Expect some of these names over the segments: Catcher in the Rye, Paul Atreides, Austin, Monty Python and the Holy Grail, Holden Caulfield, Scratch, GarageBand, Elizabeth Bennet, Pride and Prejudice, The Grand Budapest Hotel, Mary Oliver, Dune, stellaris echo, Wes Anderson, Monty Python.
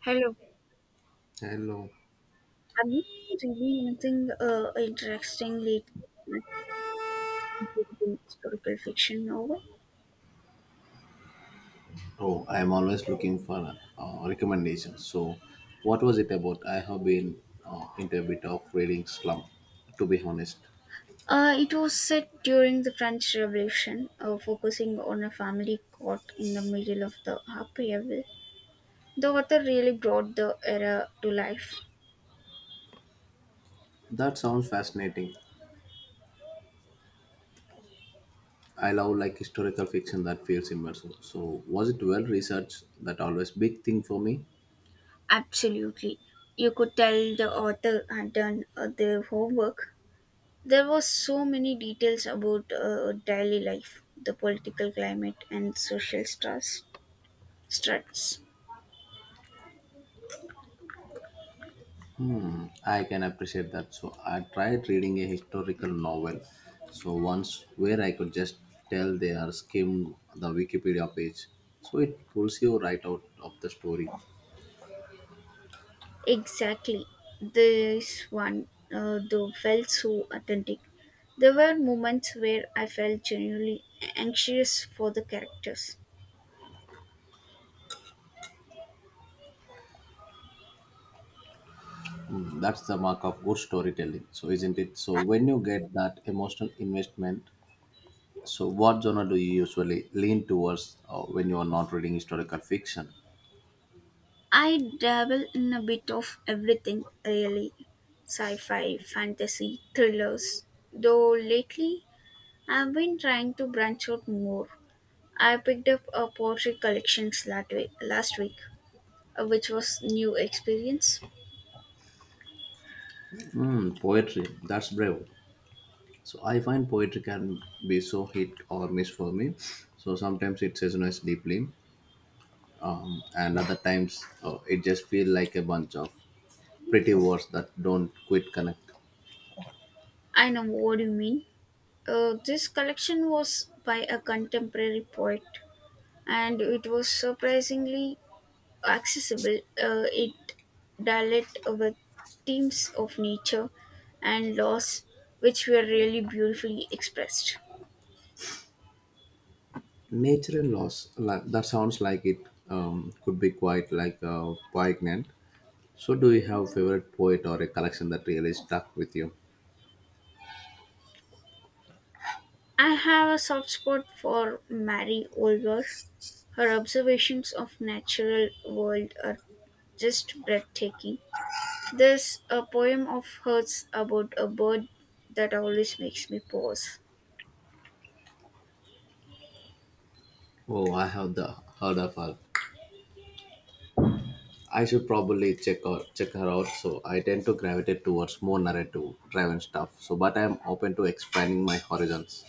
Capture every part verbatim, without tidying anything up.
Hello. Hello. Have you been reading anything uh, interesting lately, including historical fiction novel? Oh, I'm always looking for uh, recommendations. So, what was it about? I have been uh, into a bit of reading slump, to be honest. Uh, it was set during the French Revolution, uh, focusing on a family caught in the middle of the upheaval. The author really brought the era to life. That sounds fascinating. I love like historical fiction that feels immersive. So, was it well researched? That always big thing for me. Absolutely. You could tell the author had done uh, their homework. There was so many details about uh, daily life, the political climate, and social stress, struts. I can appreciate that. So, I tried reading a historical novel. So once where I could just tell they are skimmed the Wikipedia page. So it pulls you right out of the story. Exactly. This one, uh, though, felt so authentic. There were moments where I felt genuinely anxious for the characters. Mm, that's the mark of good storytelling. So, isn't it? So, when you get that emotional investment, so what genre do you usually lean towards uh, when you are not reading historical fiction? I dabble in a bit of everything, really sci fi, fantasy, thrillers. Though lately, I've been trying to branch out more. I picked up a poetry collection last week, last week uh, which was new experience. Mm, poetry. That's brave. So, I find poetry can be so hit or miss for me. So, sometimes it resonates deeply, um, and other times uh, it just feels like a bunch of pretty words that don't quite connect. I know what you mean. Uh, this collection was by a contemporary poet and it was surprisingly accessible. Uh, it dealt with themes of nature and loss, which were really beautifully expressed. Nature and loss. la- That sounds like it um, could be quite like uh, poignant. So, do you have a favorite poet or a collection that really stuck with you? I have a soft spot for Mary Oliver. Her observations of natural world are just breathtaking. There's a poem of hers about a bird that always makes me pause. Oh, I have the heard of her. I should probably check out check her out. So, I tend to gravitate towards more narrative driven stuff. So, but I am open to expanding my horizons.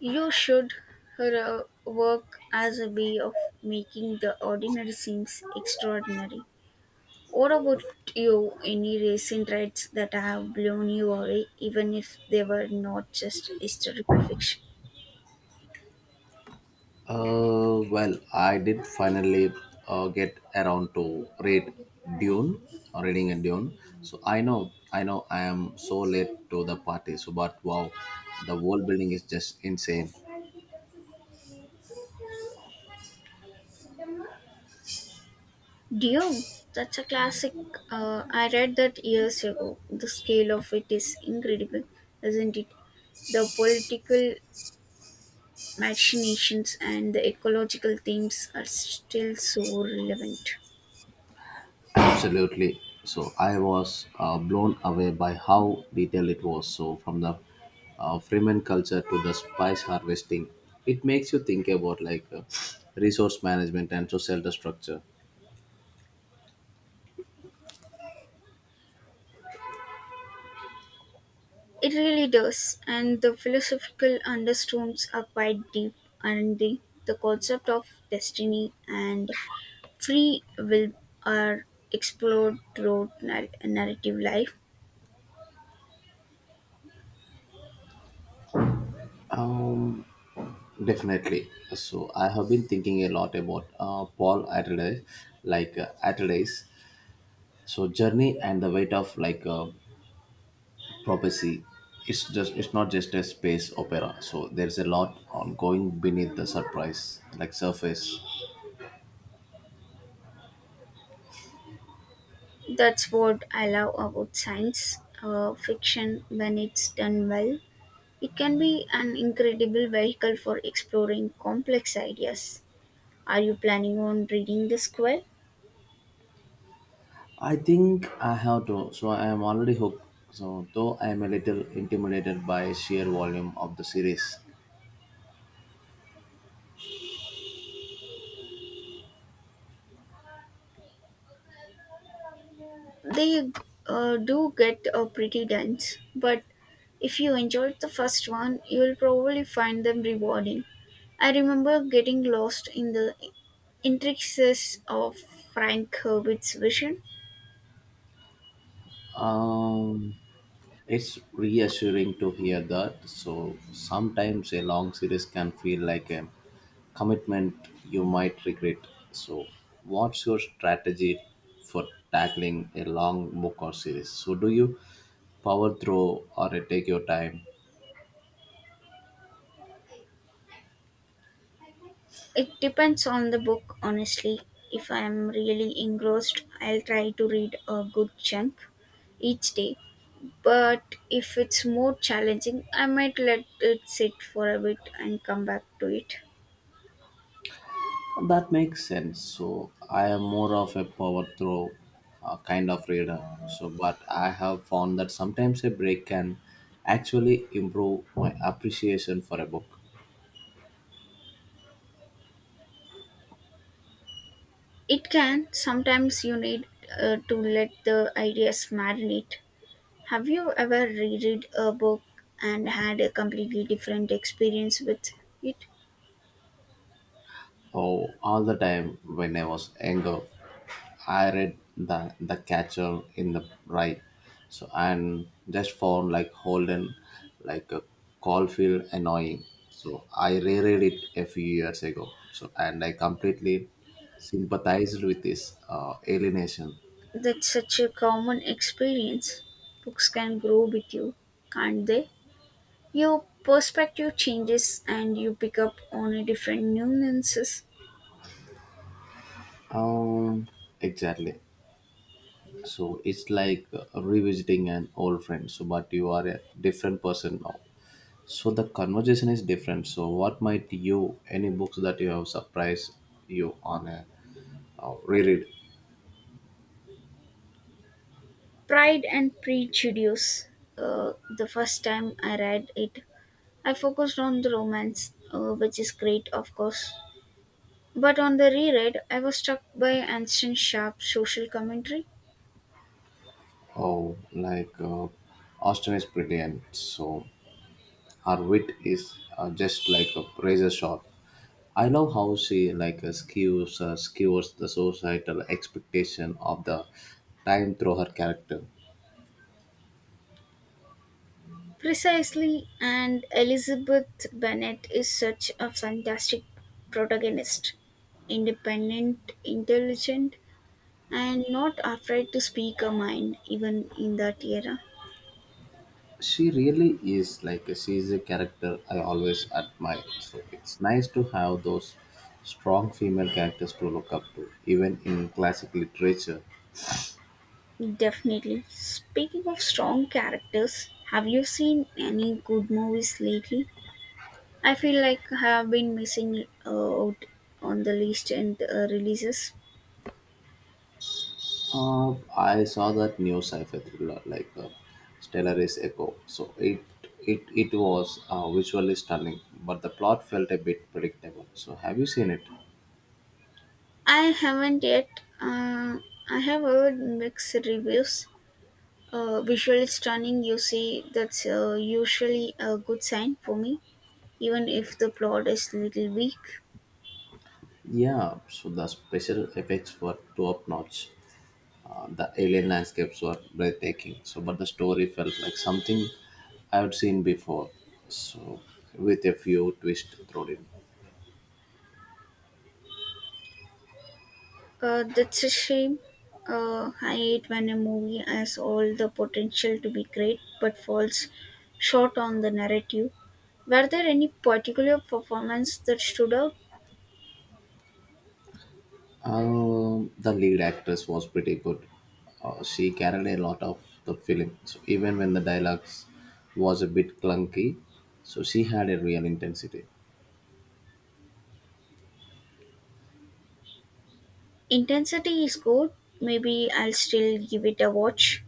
You should her uh, work as a way of making the ordinary seems extraordinary. What about you? Any recent rights that have blown you away, even if they were not just historical fiction? Uh, well, I did finally uh, get around to read Dune or reading a Dune. So I know, I know, I am so late to the party. So, but wow, the world building is just insane. Dune, that's a classic. Uh, I read that years ago. The scale of it is incredible, isn't it? The political machinations and the ecological themes are still so relevant. Absolutely. So I was uh, blown away by how detailed it was. So from the uh, Freeman culture to the spice harvesting, it makes you think about like uh, resource management and social structure. It really does, and the philosophical undertones are quite deep, and the, the concept of destiny and free will are explored throughout nar- narrative life. Um, Definitely. So I have been thinking a lot about uh, Paul Atreides, like uh, Atreides. So journey and the weight of like uh, prophecy, it's just it's not just a space opera, so there's a lot ongoing beneath the surprise like surface. That's what I love about science uh, fiction when it's done well. It can be an incredible vehicle for exploring complex ideas. Are you planning on reading the square? I think I have to, so I am already hooked, so though I am a little intimidated by sheer volume of the series. They uh, do get uh, pretty dense, but if you enjoyed the first one, you'll probably find them rewarding. I remember getting lost in the intricacies of Frank Herbert's vision. Um It's reassuring to hear that. So sometimes a long series can feel like a commitment you might regret. So, what's your strategy for tackling a long book or series? So, do you power through or you take your time? It depends on the book, honestly. If I am really engrossed, I'll try to read a good chunk each day. But if it's more challenging, I might let it sit for a bit and come back to it. That makes sense. So, I am more of a power through uh, kind of reader. So, but I have found that sometimes a break can actually improve my appreciation for a book. It can. Sometimes you need uh, to let the ideas marinate. Have you ever reread a book and had a completely different experience with it? Oh, all the time when I was younger, I read the the Catcher in the Rye, so and just found like Holden, like a Caulfield annoying. So I reread it a few years ago. So and I completely sympathized with this uh, alienation. That's such a common experience. Books can grow with you, can't they? Your perspective changes and you pick up on a different nuances. Um, exactly. So it's like uh, revisiting an old friend. So but you are a different person now. So the conversation is different. So what might you any books that you have surprised you on a uh, reread? Pride and Prejudice. Uh, the first time I read it, I focused on the romance, uh, which is great, of course. But on the reread, I was struck by Anston Sharpe's social commentary. Oh, like uh, Austin is brilliant. So her wit is uh, just like a razor sharp. I love how she like uh, skewers uh, skewers the societal expectation of the time through her character. Precisely, and Elizabeth Bennet is such a fantastic protagonist, independent, intelligent, and not afraid to speak her mind, even in that era. She really is, like she's a character I always admire, so it's nice to have those strong female characters to look up to, even in classic literature. Definitely. Speaking of strong characters, have you seen any good movies lately? I feel like I have been missing out on the list and uh, releases. uh, I saw that new sci-fi thriller like uh, stellaris echo, so it it it was uh, visually stunning, but the plot felt a bit predictable. So have you seen it? I haven't yet. Uh, I have heard mixed reviews. Uh, visually stunning, you see, that's uh, usually a good sign for me, even if the plot is little weak. Yeah, so the special effects were top notch. Uh, the alien landscapes were breathtaking. So, but the story felt like something I had seen before. So, with a few twists thrown in. Uh, that's a shame. Uh, I hate when a movie has all the potential to be great but falls short on the narrative. Were there any particular performance that stood out? Um, the lead actress was pretty good. Uh, she carried a lot of the film. So even when the dialogues was a bit clunky, so she had a real intensity. Intensity is good. Maybe I'll still give it a watch,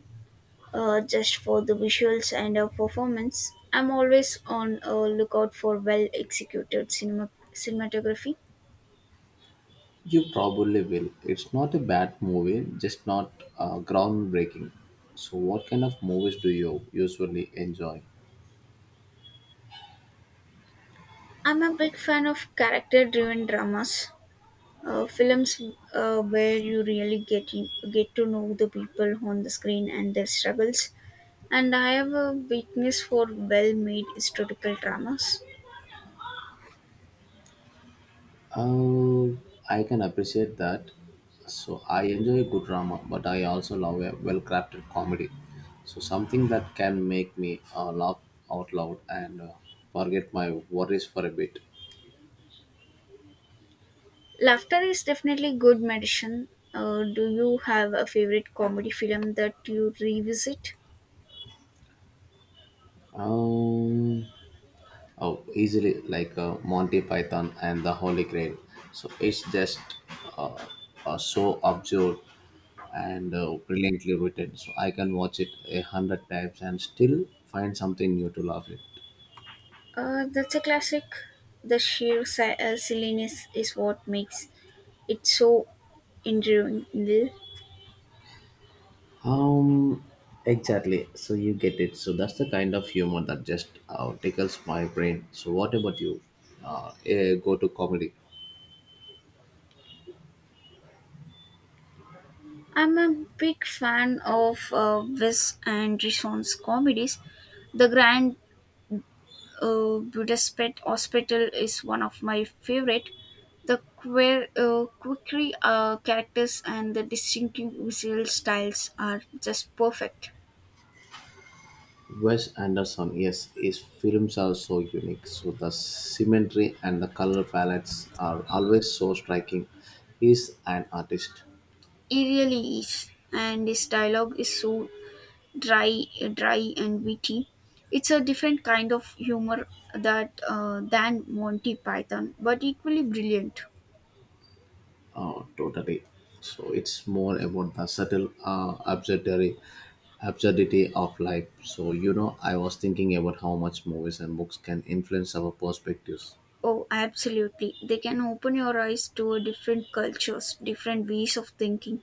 uh, just for the visuals and uh, performance. I'm always on a lookout for well executed cinema- cinematography. You probably will. It's not a bad movie, just not uh, groundbreaking. So what kind of movies do you usually enjoy? I'm a big fan of character driven dramas, uh, films uh, where you really get, in, get to know the people on the screen and their struggles. And I have a weakness for well made historical dramas. Uh, I can appreciate that. So I enjoy good drama, but I also love a well-crafted comedy. So something that can make me uh, laugh out loud and uh, forget my worries for a bit. Laughter is definitely good medicine. Uh, do you have a favorite comedy film that you revisit? Um, oh, Easily like uh, Monty Python and the Holy Grail. So it's just uh, uh, so absurd and uh, brilliantly written. So I can watch it a hundred times and still find something new to laugh at. Uh, that's a classic. The sheer si- uh, silliness is what makes it so enduring. Um, exactly. So you get it. So that's the kind of humor that just uh, tickles my brain. So what about you? Uh, eh, go to comedy. I'm a big fan of uh, Wes Anderson's comedies. The Grand uh, Budapest Hospital is one of my favorite. The queer, uh, quirky uh, characters and the distinctive visual styles are just perfect. Wes Anderson, yes, his films are so unique. So the symmetry and the color palettes are always so striking. He's an artist. He really is, and his dialogue is so dry, dry and witty. It's a different kind of humor that uh, than Monty Python, but equally brilliant. Oh, totally. So it's more about the subtle uh, absurdity, absurdity of life. So you know, I was thinking about how much movies and books can influence our perspectives. Oh, absolutely! They can open your eyes to a different cultures, different ways of thinking,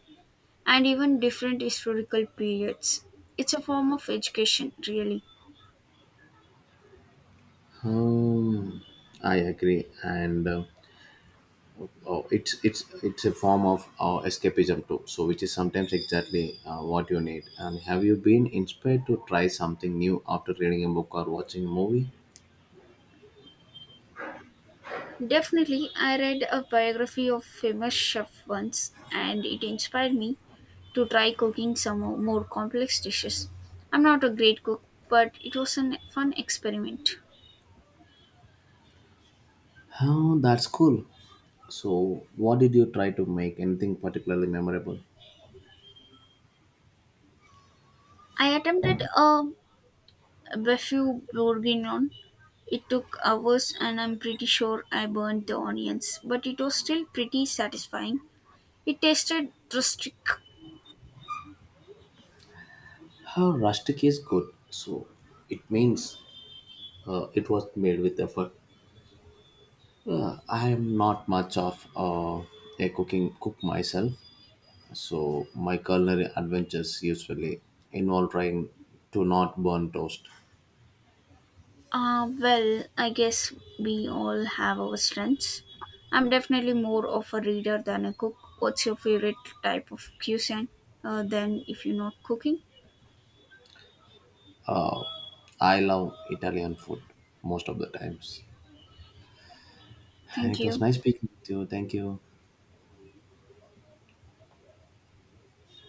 and even different historical periods. It's a form of education, really. Um, I agree, and uh, oh, it's it's it's a form of uh, escapism too. So which is sometimes exactly uh, what you need. And have you been inspired to try something new after reading a book or watching a movie? Definitely, I read a biography of famous chef once, and it inspired me to try cooking some mo- more complex dishes. I'm not a great cook, but it was a fun experiment. Oh, that's cool. So, what did you try to make? Anything particularly memorable? I attempted a befu bourguignon. It took hours, and I'm pretty sure I burned the onions, but it was still pretty satisfying. It tasted rustic. How rustic is good, so it means uh, it was made with effort. Uh, I am not much of uh, a cooking cook myself, so my culinary adventures usually involve trying to not burn toast. Uh, well, I guess we all have our strengths. I'm definitely more of a reader than a cook. What's your favorite type of cuisine? Uh, then, if you're not cooking, Uh, I love Italian food most of the times, and thank it was you. nice speaking to you. Thank you.